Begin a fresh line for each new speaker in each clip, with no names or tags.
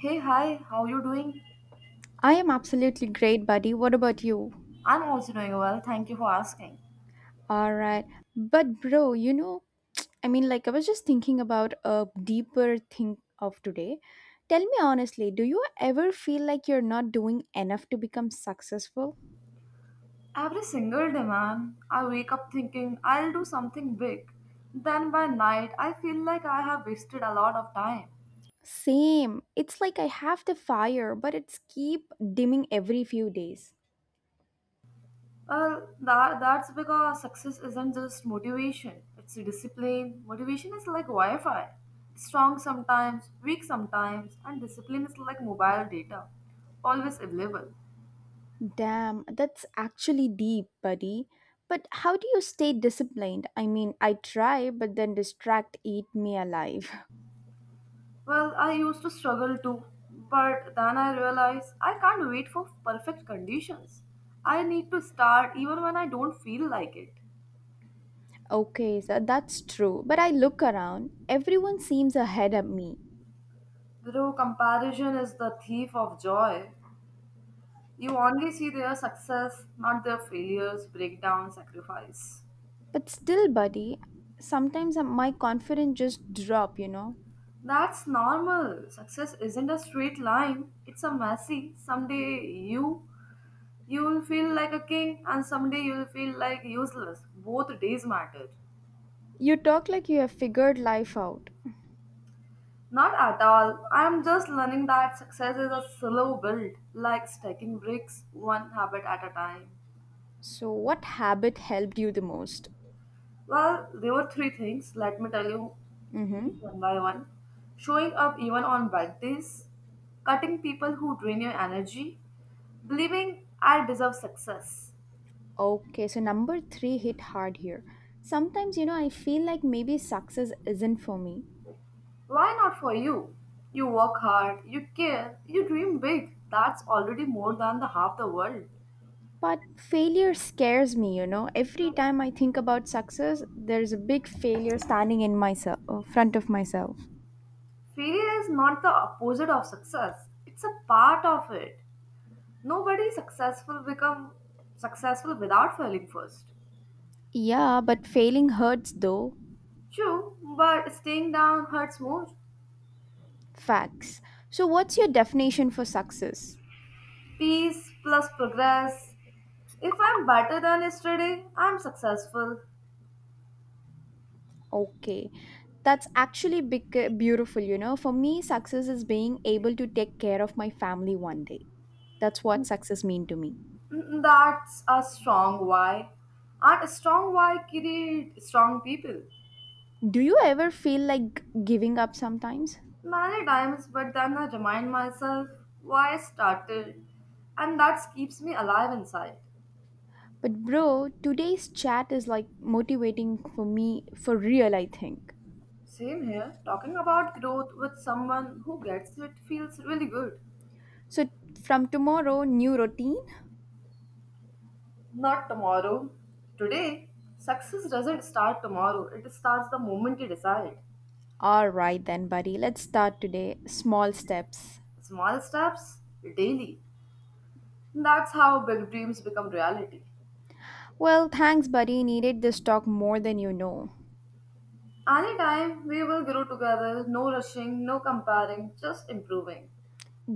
Hey, hi, how you doing?
I am absolutely great, buddy. What about you?
I'm also doing well, thank you for asking.
All right. But, bro, you know, I was just thinking about a deeper thing of today. Tell me honestly, do you ever feel like you're not doing enough to become successful?
Every single day, man, I wake up thinking I'll do something big. Then by night, I feel like I have wasted a lot of time.
Same. It's like I have the fire, but it's keep dimming every few days.
Well, that's because success isn't just motivation, it's discipline. Motivation is like Wi Fi strong sometimes, weak sometimes, and discipline is like mobile data, always available.
Damn, that's actually deep, buddy. But how do you stay disciplined? I mean, I try, but then distract eat me alive.
Well, I used to struggle too, but then I realized I can't wait for perfect conditions. I need to start even when I don't feel like it.
Okay, so that's true. But I look around, everyone seems ahead of me.
Though comparison is the thief of joy. You only see their success, not their failures, breakdown, sacrifice.
But still, buddy, sometimes my confidence just drop, you know.
That's normal. Success isn't a straight line. It's a messy. Someday you will feel like a king and someday you will feel like useless. Both days matter.
You talk like you have figured life out.
Not at all. I'm just learning that success is a slow build, like stacking bricks one habit at a time.
So what habit helped you the most?
Well, there were three things, let me tell you
Mm-hmm.
each one by one. Showing up even on bad days, cutting people who drain your energy, believing I deserve success.
Okay, so number three hit hard here. Sometimes, you know, I feel like maybe success isn't for me.
Why not for you? You work hard, you care, you dream big. That's already more than the half the world.
But failure scares me, you know. Every time I think about success, there's a big failure standing in myself, front of myself.
Failure is not the opposite of success. It's a part of it. Nobody successful become successful without failing first.
Yeah, but failing hurts though.
True, but staying down hurts more.
Facts. So, what's your definition for success?
Peace plus progress. If I'm better than yesterday, I'm successful.
Okay, that's actually big, beautiful, you know. For me, success is being able to take care of my family one day. That's what success mean to me.
Mm, that's a strong why. And a strong why create strong people.
Do you ever feel like giving up sometimes?
Many times, but then I remind myself why I started, and that keeps me alive inside.
But bro, today's chat is like motivating for me for real, I think.
Same here. Talking about growth with someone who gets it feels really good.
So from tomorrow, new routine?
Not tomorrow. Today, success doesn't start tomorrow, it starts the moment you decide.
All right then, buddy. Let's start today. Small steps.
Small steps daily. That's how big dreams become reality.
Well, thanks, buddy. Needed this talk more than you know.
Anytime we will grow together, no rushing, no comparing, just improving.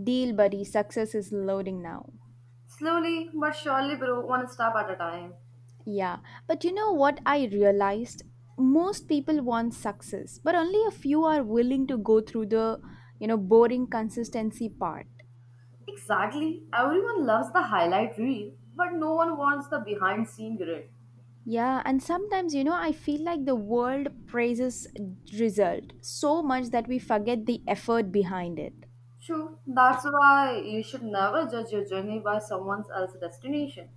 Deal, buddy. Success is loading now.
Slowly but surely, grow one step at a time.
Yeah, but you know what I realized? Most people want success, but only a few are willing to go through the boring consistency part.
Exactly. Everyone loves the highlight reel, but no one wants the behind scene grid.
Yeah, and sometimes, you know, I feel like the world praises result so much that we forget the effort behind it.
True, that's why you should never judge your journey by someone else's destination.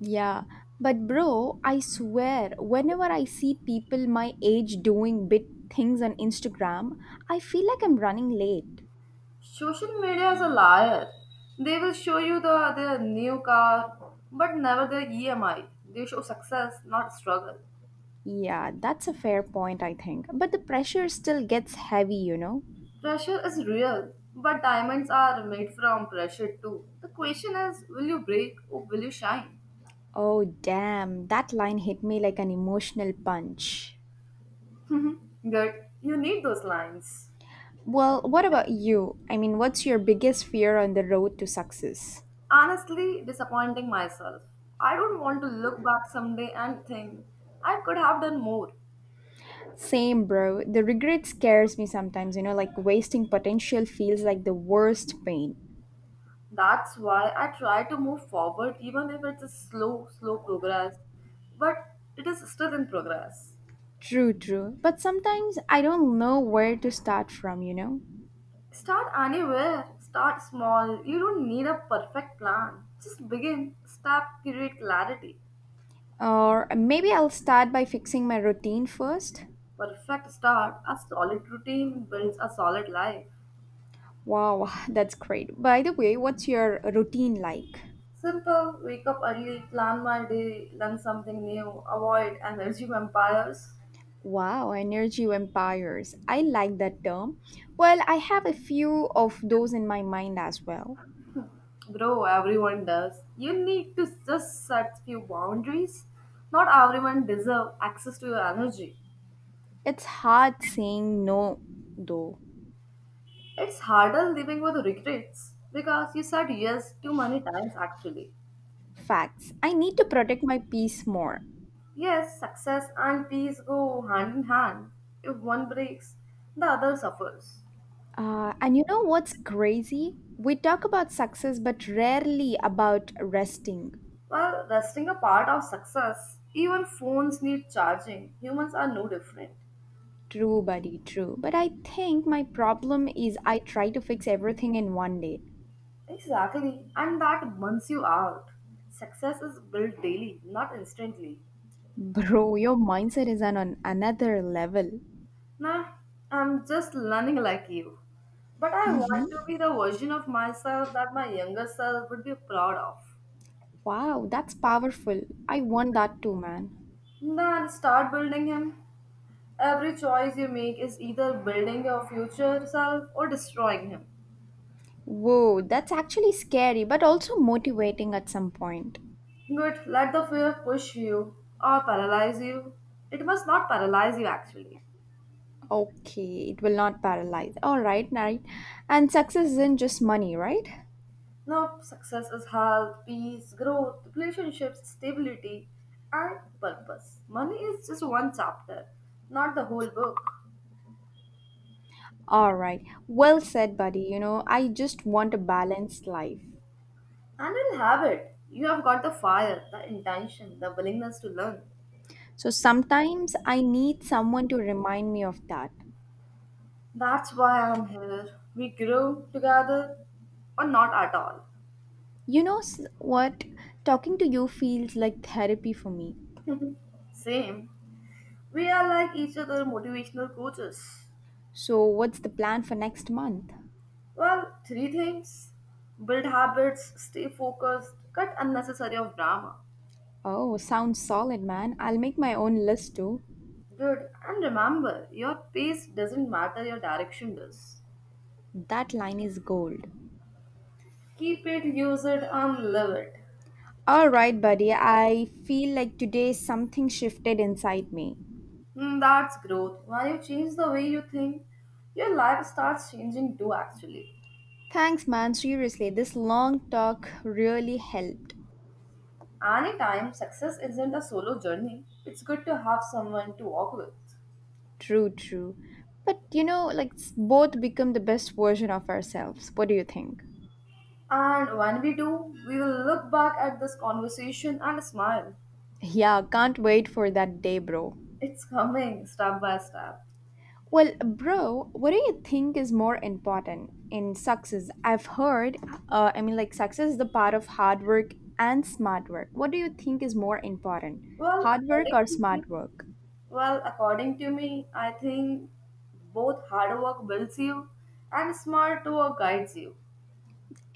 Yeah, but bro, I swear, whenever I see people my age doing big things on Instagram, I feel like I'm running late.
Social media is a liar. They will show you their new car, but never their EMI. They show success, not struggle.
Yeah, that's a fair point, I think. But the pressure still gets heavy, you know?
Pressure is real, but diamonds are made from pressure too. The question is, will you break or will you shine?
Oh, damn, that line hit me like an emotional punch.
Good. You need those lines.
Well, what about you? I mean, what's your biggest fear on the road to success?
Honestly, disappointing myself. I don't want to look back someday and think I could have done more.
Same, bro. The regret scares me sometimes, you know, like wasting potential feels like the worst pain.
That's why I try to move forward even if it's a slow progress. But it is still in progress.
True, true. But sometimes I don't know where to start from, you know?
Start anywhere, start small. You don't need a perfect plan. Just begin, step, create clarity.
Or maybe I'll start by fixing my routine first.
Perfect start, a solid routine builds a solid life.
Wow, that's great. By the way, what's your routine like?
Simple, wake up early, plan my day, learn something new, avoid energy vampires.
Wow, energy vampires. I like that term. Well, I have a few of those in my mind as well.
Bro, everyone does. You need to just set few boundaries. Not everyone deserve access to your energy.
It's hard saying no, though.
It's harder living with regrets because you said yes too many times actually.
Facts. I need to protect my peace more.
Yes, success and peace go hand in hand. If one breaks, the other suffers.
And you know what's crazy? We talk about success, but rarely about resting.
While resting a part of success, even phones need charging. Humans are no different.
True, buddy, true. But I think my problem is I try to fix everything in one day.
Exactly, and that burns you out. Success is built daily, not instantly.
Bro, your mindset is on another level.
Nah, I'm just learning like you. But I want to be the version of myself that my younger self would be proud of.
Wow, that's powerful. I want that too, man.
Then start building him. Every choice you make is either building your future self or destroying him.
Whoa, that's actually scary, but also motivating at some point.
Good, let the fear push you or paralyze you. It must not paralyze you actually.
Okay, it will not paralyze. All right, right. And success isn't just money, right?
Nope, success is health, peace, growth, relationships, stability, and purpose. Money is just one chapter, not the whole book.
All right. Well said, buddy. You know, I just want a balanced life.
And you'll have it. You have got the fire, the intention, the willingness to learn.
So sometimes I need someone to remind me of that.
That's why I'm here. We grow together or not at all.
You know what? Talking to you feels like therapy for me.
Same. We are like each other motivational coaches.
So, what's the plan for next month?
Well, three things build habits, stay focused, cut unnecessary of drama.
Oh, sounds solid, man. I'll make my own list too.
Good. And remember, your pace doesn't matter, your direction does.
That line is gold.
Keep it, use it, and live it.
All right, buddy. I feel like today something shifted inside me.
Hmm, that's growth. When you change the way you think, your life starts changing too, actually.
Thanks, man. Seriously, this long talk really helped.
Anytime success isn't a solo journey, it's good to have someone to walk with.
True, true. But you know, both become the best version of ourselves. What do you think?
And when we do, we will look back at this conversation and smile.
Yeah, can't wait for that day, bro.
It's coming step by step.
Well, bro, what do you think is more important in success? I've heard, success is the part of hard work and smart work. What do you think is more important,
Well,
hard work
according
or
to me,
smart work?
well, according to me, I think both hard work builds you and smart work guides you.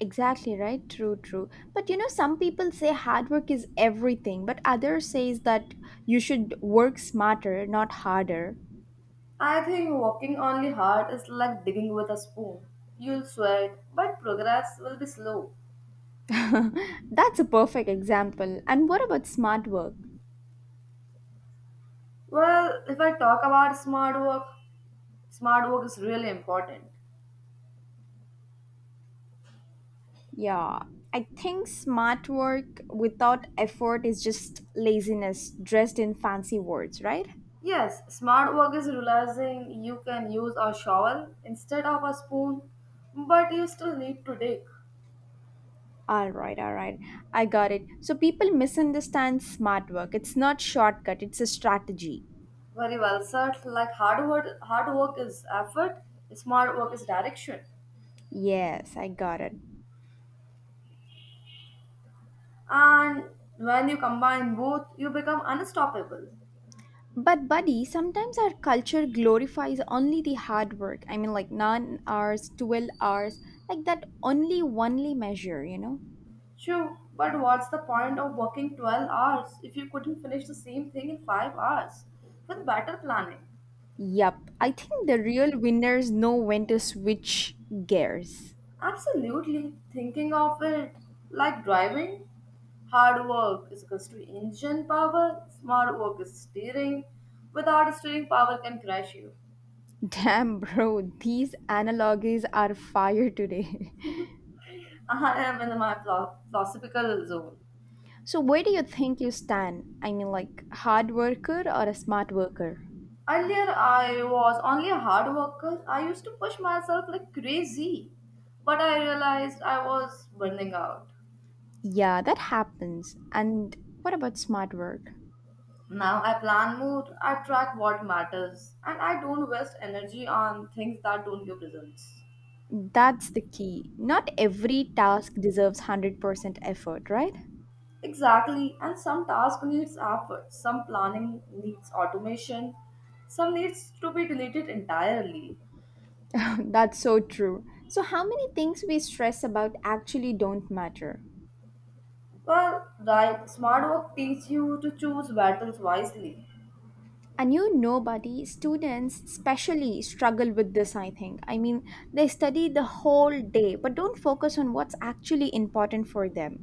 Exactly right. True, true. But you know, some people say hard work is everything, but others says that you should work smarter, not harder.
I think walking only hard is like digging with a spoon. You'll sweat, but progress will be slow.
That's a perfect example. And what about smart work?
Well, if I talk about smart work is really important.
Yeah, I think smart work without effort is just laziness dressed in fancy words, right?
Yes, smart work is realizing you can use a shovel instead of a spoon, but you still need to dig.
All right, all right. I got it. So people misunderstand smart work. It's not shortcut, it's a strategy.
Very well said. Hard work is effort, smart work is direction.
Yes, I got it.
And when you combine both, you become unstoppable.
But buddy, sometimes our culture glorifies only the hard work. I mean like 9 hours, 12 hours, like that only measure, you know?
True, but what's the point of working 12 hours if you couldn't finish the same thing in 5 hours with better planning?
Yup, I think the real winners know when to switch gears.
Absolutely. Thinking of it like driving, hard work is equals to engine power, smart work is steering. Without steering, power can crash you.
Damn, bro, these analogies are fire today.
I am in my philosophical zone.
So, where do you think you stand? I mean, like, hard worker or a smart worker?
Earlier, I was only a hard worker. I used to push myself like crazy, but I realized I was burning out.
Yeah, that happens. And what about smart work?
Now I plan more, I track what matters, and I don't waste energy on things that don't give results.
That's the key. Not every task deserves 100% effort, right?
Exactly, and some task needs effort, some planning needs automation, some needs to be deleted entirely.
That's so true. So, how many things we stress about actually don't matter?
Well, right, smart work teaches you to choose battles wisely.
And you know, buddy, students especially struggle with this, I think. I mean, they study the whole day, but don't focus on what's actually important for them.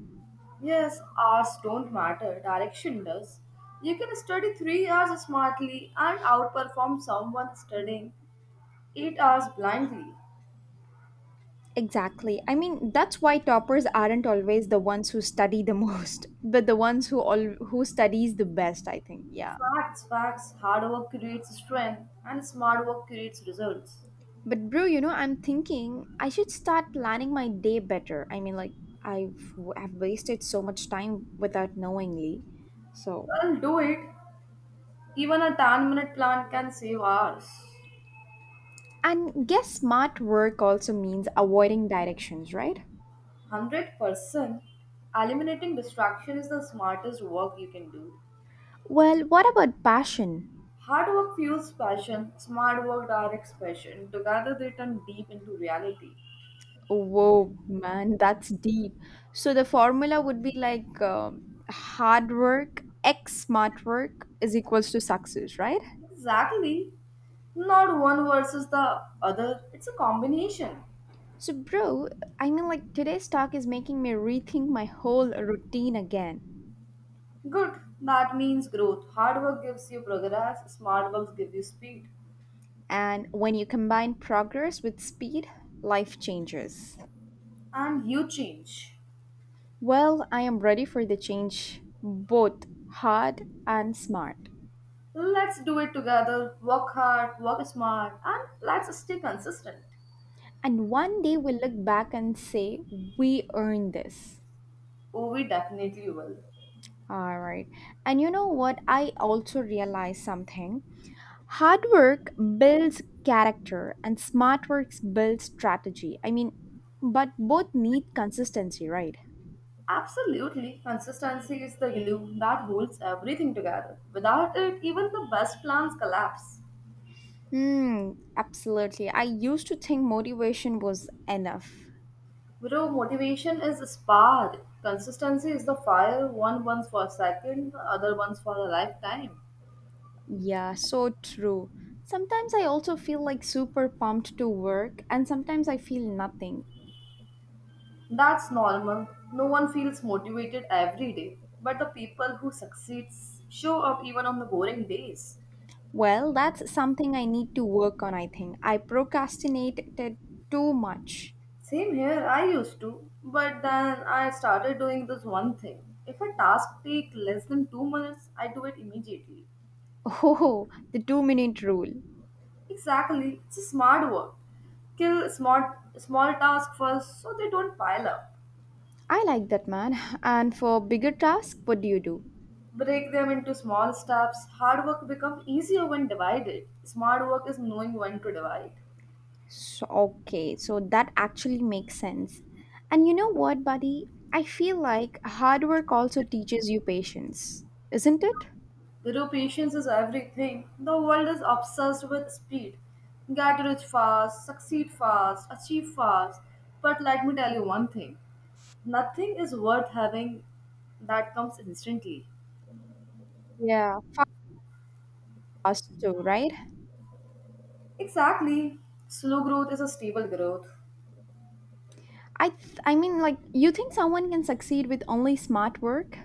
Yes, hours don't matter, direction does. You can study 3 hours smartly and outperform someone studying 8 hours blindly.
Exactly. I mean, that's why toppers aren't always the ones who study the most, but the ones who all who studies the best, I think. Yeah.
Facts, facts. Hard work creates strength and smart work creates results.
But bro, you know, I'm thinking I should start planning my day better. I mean, like I've wasted so much time without knowingly. So,
Well, do it. Even a 10-minute plan can save hours.
and guess smart work also means avoiding directions, right?
100% eliminating distraction is the smartest work you can do.
Well, what about passion?
Hard work fuels passion, smart work directs passion. Together they turn deep into reality.
Whoa, man, that's deep. So the formula would be like hard work x smart work is equals to success, right?
Exactly. Not one versus the other, it's a combination.
So, bro, today's talk is making me rethink my whole routine again.
Good. That means growth. Hard work gives you progress, smart work gives you speed.
And when you combine progress with speed, life changes.
And you change.
Well, I am ready for the change, both hard and smart.
Let's do it together. Work hard, work smart, and let's stay consistent.
And one day we'll look back and say, we earned this.
Oh, we definitely will.
All right. And you know what? I also realized something. Hard work builds character and smart work builds strategy. I mean, but both need consistency, right?
Absolutely, consistency is the glue that holds everything together. Without it, even the best plans collapse.
Hmm, absolutely. I used to think motivation was enough.
Bro, motivation is a spark. Consistency is the fire, one burns for a second, the other burns for a lifetime.
Yeah, so true. Sometimes I also feel like super pumped to work, and sometimes I feel nothing.
That's normal. No one feels motivated every day, but the people who succeed show up even on the boring days.
Well, that's something I need to work on, I think. I procrastinated too much.
Same here, I used to, but then I started doing this one thing. If a task takes less than 2 minutes, I do it immediately.
Oh, the 2-minute rule.
Exactly, it's a smart work. Kill small tasks first so they don't pile up.
I like that, man. And for bigger tasks, what do you do?
Break them into small steps. Hard work becomes easier when divided. Smart work is knowing when to divide.
So, okay, so that actually makes sense. And you know what, buddy? I feel like hard work also teaches you patience, isn't it?
Zero patience is everything. The world is obsessed with speed. Get rich fast, succeed fast, achieve fast. But let me tell you one thing. Nothing is worth having that comes instantly.
Yeah, fast too, right?
Exactly. Slow growth is a stable growth.
I mean like you think someone can succeed with only smart work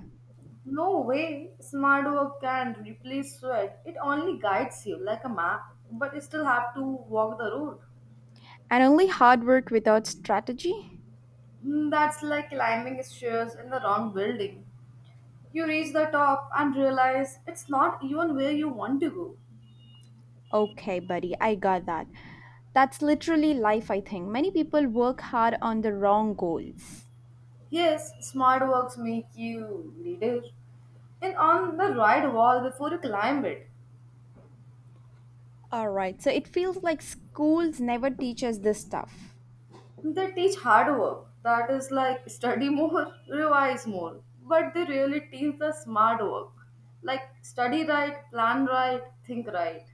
No way smart work can replace sweat. It only guides you like a map, but you still have to walk the road.
and only hard work without strategy?
Hmm, that's like climbing stairs in the wrong building. You reach the top and realize it's not even where you want to go.
Okay, buddy, I got that. That's literally life, I think. Many people work hard on the wrong goals.
Yes, smart works make you leader and on the right wall before you climb it.
All right, so it feels like schools never teach us this stuff.
They teach hard work, that is like study more, revise more, but they really teach the smart work, like study right, plan right, think right.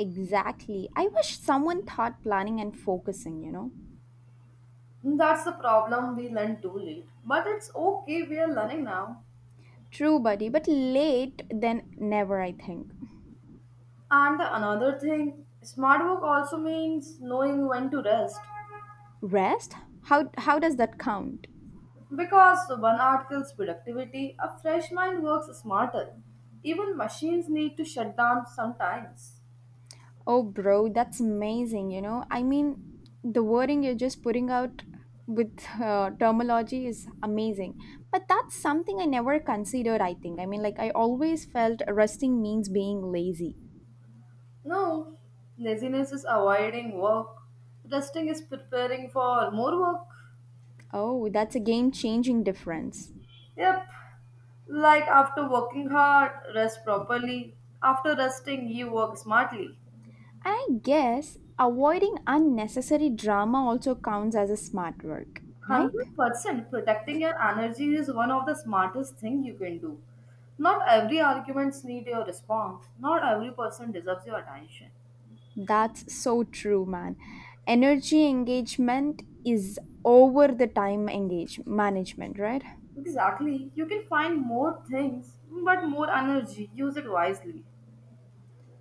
Exactly. I wish someone taught planning and focusing, you know.
That's the problem we learn too late, but it's okay, we are learning now.
True, buddy, but late than never, I think.
And another thing, smart work also means knowing when to rest.
Rest? How does that count?
Because 1 hour kills productivity, a fresh mind works smarter. Even machines need to shut down sometimes.
Oh, bro, that's amazing. You know, I mean, the wording you're just putting out with terminology is amazing. But that's something I never considered, I think. I mean, like, I always felt resting means being lazy.
No, laziness is avoiding work. Resting is preparing for more work.
Oh, that's a game changing difference.
Yep. Like after working hard, rest properly. After resting, you work smartly.
And I guess avoiding unnecessary drama also counts as a smart work, right?
100% protecting your energy is one of the smartest thing you can do. Not every arguments need your response. Not every person deserves your attention.
That's so true, man. Energy engagement is over the time engage management, right?
Exactly. You can find more things, but more energy. Use it wisely.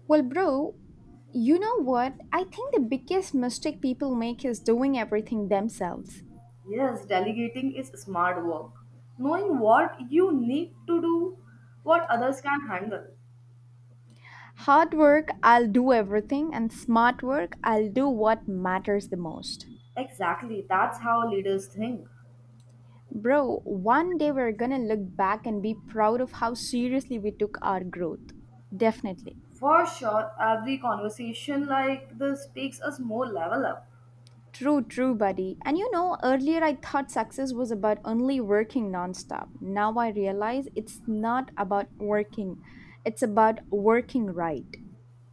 Well, bro, you know what? I think the biggest mistake people make is doing everything themselves.
Yes, delegating is smart work. Knowing what you need to do, what others can handle.
Hard work, I'll do everything, and smart work, I'll do what matters the most.
Exactly, that's how leaders think.
Bro, one day we're gonna look back and be proud of how seriously we took our growth. Definitely.
For sure, every conversation like this takes us more level up.
True, true, buddy. And you know, earlier I thought success was about only working nonstop. Now I realize it's not about working, it's about working right.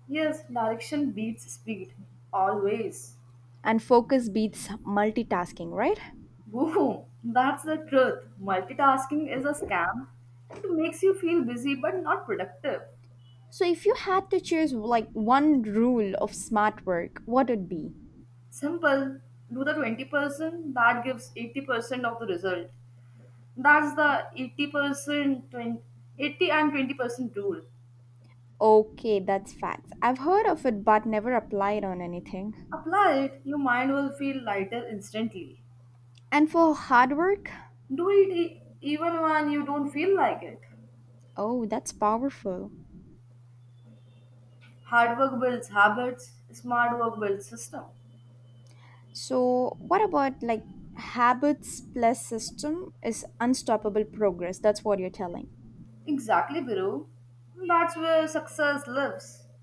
Yes, direction beats speed. Always.
And focus beats multitasking, right?
Boom, that's the truth. Multitasking is a scam. It makes you feel busy but not productive.
So if you had to choose like one rule of smart work, what would be?
Simple, do the 20%, that gives 80% of the result. That's the 80%, 20 80 and 20% rule.
Okay, that's facts. I've heard of it but never applied on anything.
Apply it, your mind will feel lighter instantly.
And for hard work?
Do it even when you don't feel like it.
Oh, that's powerful.
Hard work builds habits, smart work builds system.
So what about like habits plus system is unstoppable progress. That's what you're telling.
Exactly, Biro. That's where success lives.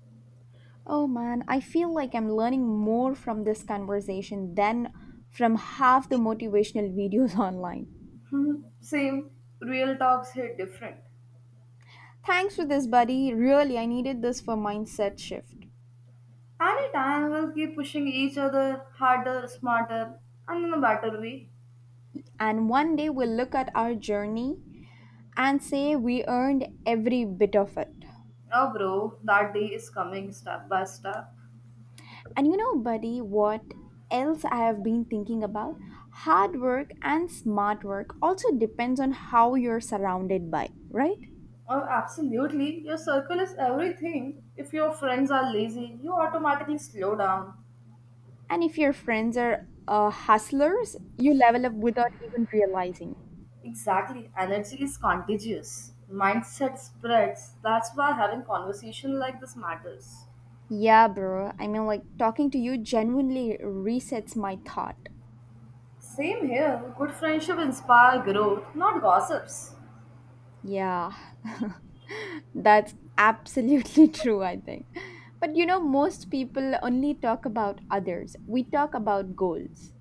Oh man, I feel like I'm learning more from this conversation than from half the motivational videos online.
Hmm, same. Real talks hit different.
Thanks for this, buddy. Really, I needed this for mindset shift.
Anytime we'll keep pushing each other harder, smarter, and in a better way.
And one day we'll look at our journey and say we earned every bit of it.
Oh, bro, that day is coming step by step.
And you know, buddy, what else I have been thinking about? Hard work and smart work also depends on how you're surrounded by, right?
Oh, absolutely. Your circle is everything. If your friends are lazy, you automatically slow down.
And if your friends are hustlers, you level up without even realizing.
Exactly. Energy is contagious. Mindset spreads. That's why having conversation like this matters.
Yeah, bro. I mean, like talking to you genuinely resets my thought.
Same here. Good friendship inspire growth, not gossips.
Yeah. That's absolutely true, I think. But you know, most people only talk about others. We talk about goals.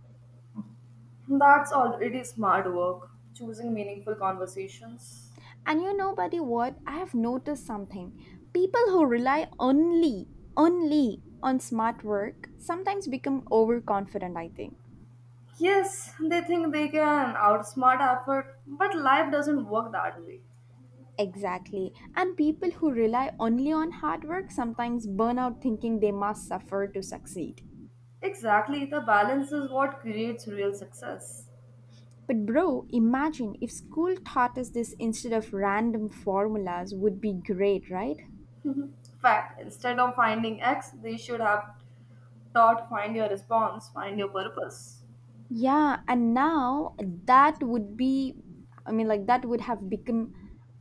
That's already smart work. Choosing meaningful conversations.
And you know, buddy, what? I have noticed something. People who rely only on smart work sometimes become overconfident, I think.
Yes, they think they can outsmart effort, but life doesn't work that way.
Exactly. And people who rely only on hard work sometimes burn out thinking they must suffer to succeed.
Exactly, the balance is what creates real success.
But bro, imagine if school taught us this instead of random formulas would be great, right?
Fact, instead of finding X, they should have taught find your response, find your purpose.
Yeah, and now that would be that would have become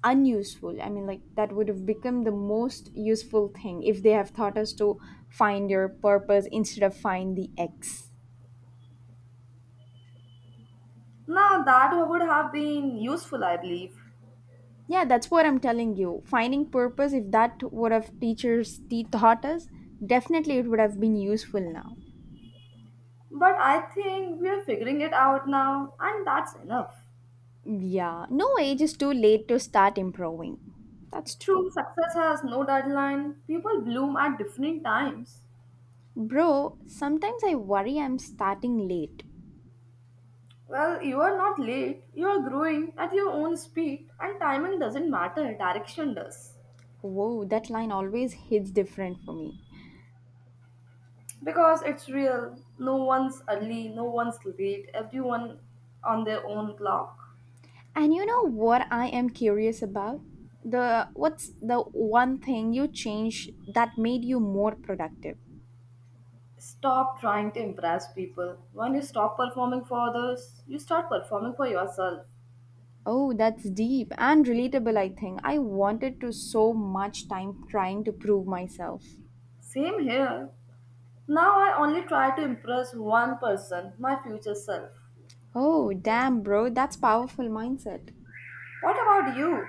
unuseful. That would have become the most useful thing if they have taught us to find your purpose instead of find the X.
Now, that would have been useful, I believe.
Yeah, that's what I'm telling you. Finding purpose if that would have taught us, definitely it would have been useful now.
But I think we are figuring it out now, and that's enough.
Yeah, no age is too late to start improving. That's
True,
true.
success has no deadline. People bloom at different times.
Bro, sometimes I worry I'm starting late.
Well, you are not late, you are growing at your own speed, and timing doesn't matter, direction does.
Whoa, that line always hits different for me.
Because it's real. No one's early, no one's late, everyone on their own clock.
And you know what I am curious about? The What's the one thing you changed that made you more productive?
Stop trying to impress people. When you stop performing for others, you start performing for yourself.
Oh, that's deep and relatable, I think. I wanted to so much time trying to prove myself.
Same here. Now I only try to impress one person, my future self.
Oh, damn, bro, that's powerful mindset.
What about you?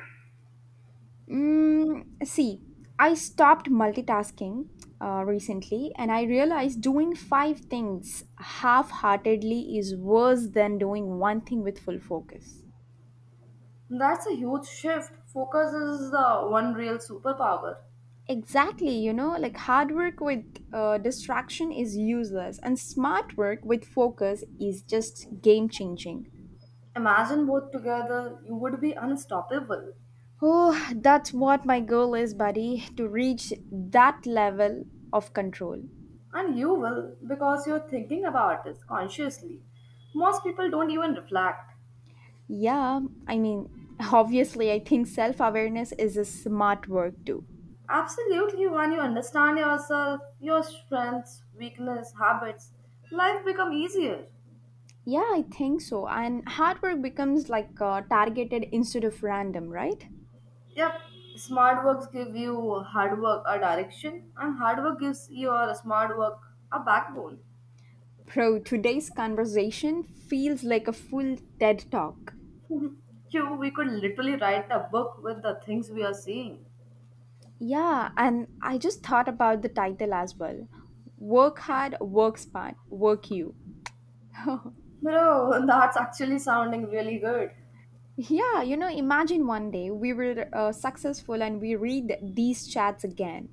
See, I stopped multitasking recently and I realized doing five things half heartedly is worse than doing one thing with full focus.
That's a huge shift. Focus is the one real superpower.
Exactly, you know, like hard work with distraction is useless, and smart work with focus is just game changing.
Imagine both together, you would be unstoppable.
Oh, that's what my goal is, buddy, to reach that level of control.
And you will because you're thinking about it consciously. Most people don't even reflect.
Yeah, I mean, obviously, I think self awareness is a smart work too.
Absolutely, when you understand yourself, your strengths, weakness, habits, life become easier.
Yeah, I think so. And hard work becomes like targeted instead of random, right?
Yep, smart works give you hard work a direction, and hard work gives your smart work a backbone.
Bro, today's conversation feels like a full TED talk.
You, we could literally write a book with the things we are seeing.
Yeah, and I just thought about the title as well Work Hard, Work Smart, Work You.
Bro, that's actually sounding really good.
Yeah, you know, imagine one day we were successful and we read these chats again.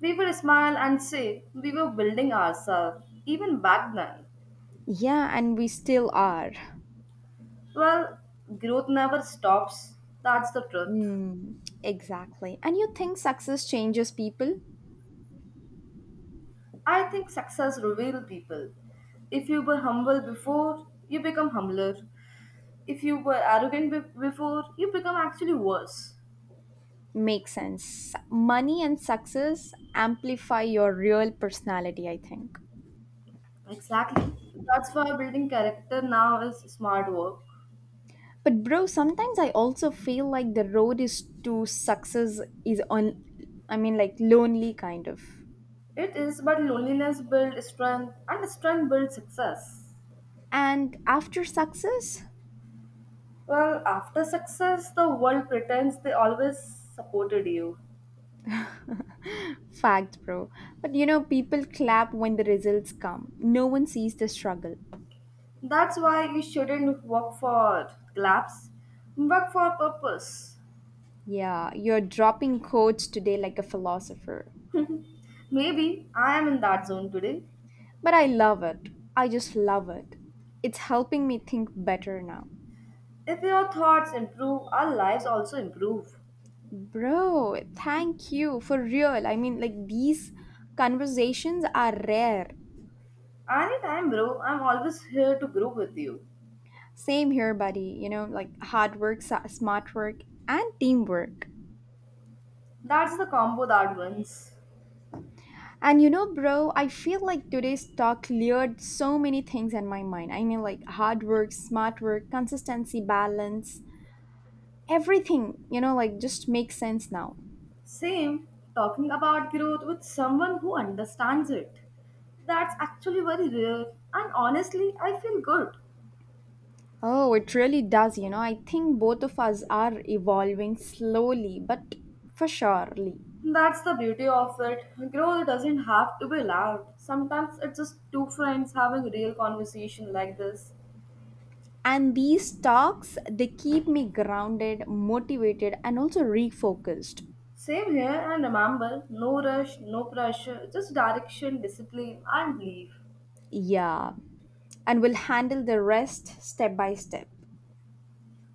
We would smile and say we were building ourselves even back then.
Yeah, and we still are.
Well, growth never stops. That's the truth.
Mm, exactly. And you think success changes people?
I think success reveals people. If you were humble before, you become humbler. If you were arrogant before, you become actually worse.
Makes sense. Money and success amplify your real personality, I think.
Exactly. That's why building character now is smart work.
But bro, sometimes I also feel like the road is to success is on Lonely kind of.
It is, but loneliness builds strength and strength builds success.
And after success,
Well, after success, the world pretends they always supported you.
fact, bro. But you know, people clap when the results come. No one sees the struggle.
That's why you shouldn't work for collapse, work for purpose.
Yeah, you're dropping quotes today like a philosopher.
Maybe I am in that zone today.
But I love it. I just love it. It's helping me think better now.
If your thoughts improve, our lives also improve.
Bro, thank you for real. I mean, like, these conversations are rare.
Anytime, bro, I'm always here to grow with you.
Same here, buddy. You know, like hard work, smart work, and teamwork.
That's the combo that wins.
And you know, bro, I feel like today's talk cleared so many things in my mind. I mean, like hard work, smart work, consistency, balance, everything, like just makes sense now.
Same, talking about growth with someone who understands it. That's actually very rare, and honestly, I feel good.
Oh, it really does. You know, I think both of us are evolving slowly, but for surely.
That's the beauty of it. Growth doesn't have to be loud. Sometimes it's just two friends having a real conversation like this.
And these talks, they keep me grounded, motivated, and also refocused.
Same here, and remember no rush, no pressure, just direction, discipline, and belief.
Yeah. And we'll handle the rest step by step.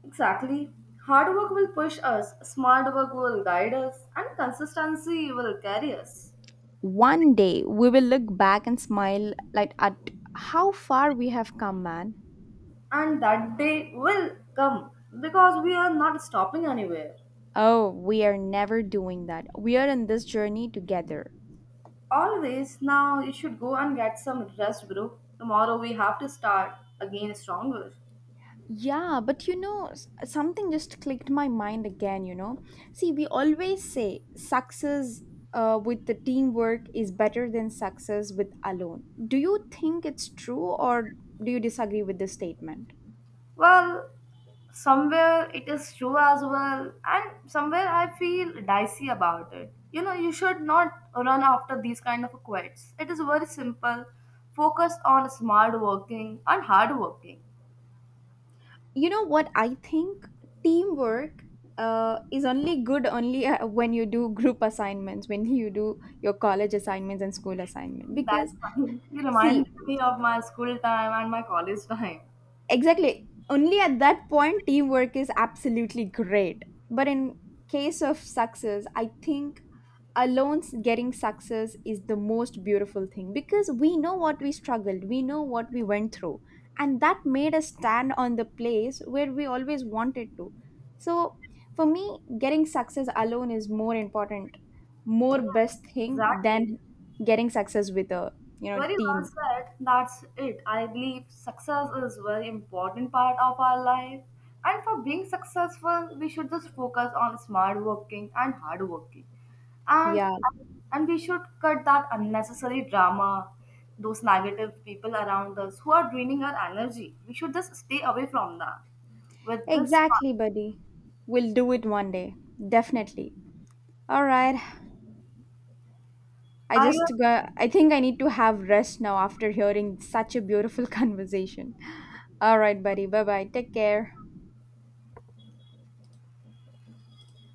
Exactly. Hard work will push us, smart work will guide us, and consistency will carry us.
One day, we will look back and smile like at how far we have come, man.
And that day will come because we are not stopping anywhere.
Oh, we are never doing that. We are in this journey together.
Always. Now you should go and get some rest, bro. Tomorrow we have to start again stronger.
Yeah, but you know, something just clicked my mind again, See, we always say success with the teamwork is better than success with alone. Do you think it's true or do you disagree with this statement?
Well, somewhere it is true as well, and somewhere I feel dicey about it. You know, you should not run after these kind of quits. It is very simple. Focus on smart working and hard working.
You know what I think? Teamwork is only good only when you do group assignments, when you do your college assignments and school assignment.
That's fine. You
See,
reminded me of my school time and my college time.
Exactly. Only at that point, teamwork is absolutely great. But in case of success, I think alone getting success is the most beautiful thing because we know what we struggled, we know what we went through, and that made us stand on the place where we always wanted to. So, for me, getting success alone is more important, more
Yes,
best thing
exactly.
than getting success with a
Very well
team.
said. That's it. I believe success is very important part of our life. And for being successful, we should just focus on smart working and hard working. And
Yeah.
and we should cut that unnecessary drama, those negative people around us who are draining our energy. We should just stay away from that. With this,
Exactly, buddy. We'll do it one day. Definitely. All right. I
I
just
guess
got, I think I need to have rest now after hearing such a beautiful conversation. All right, buddy. Bye bye. Take care.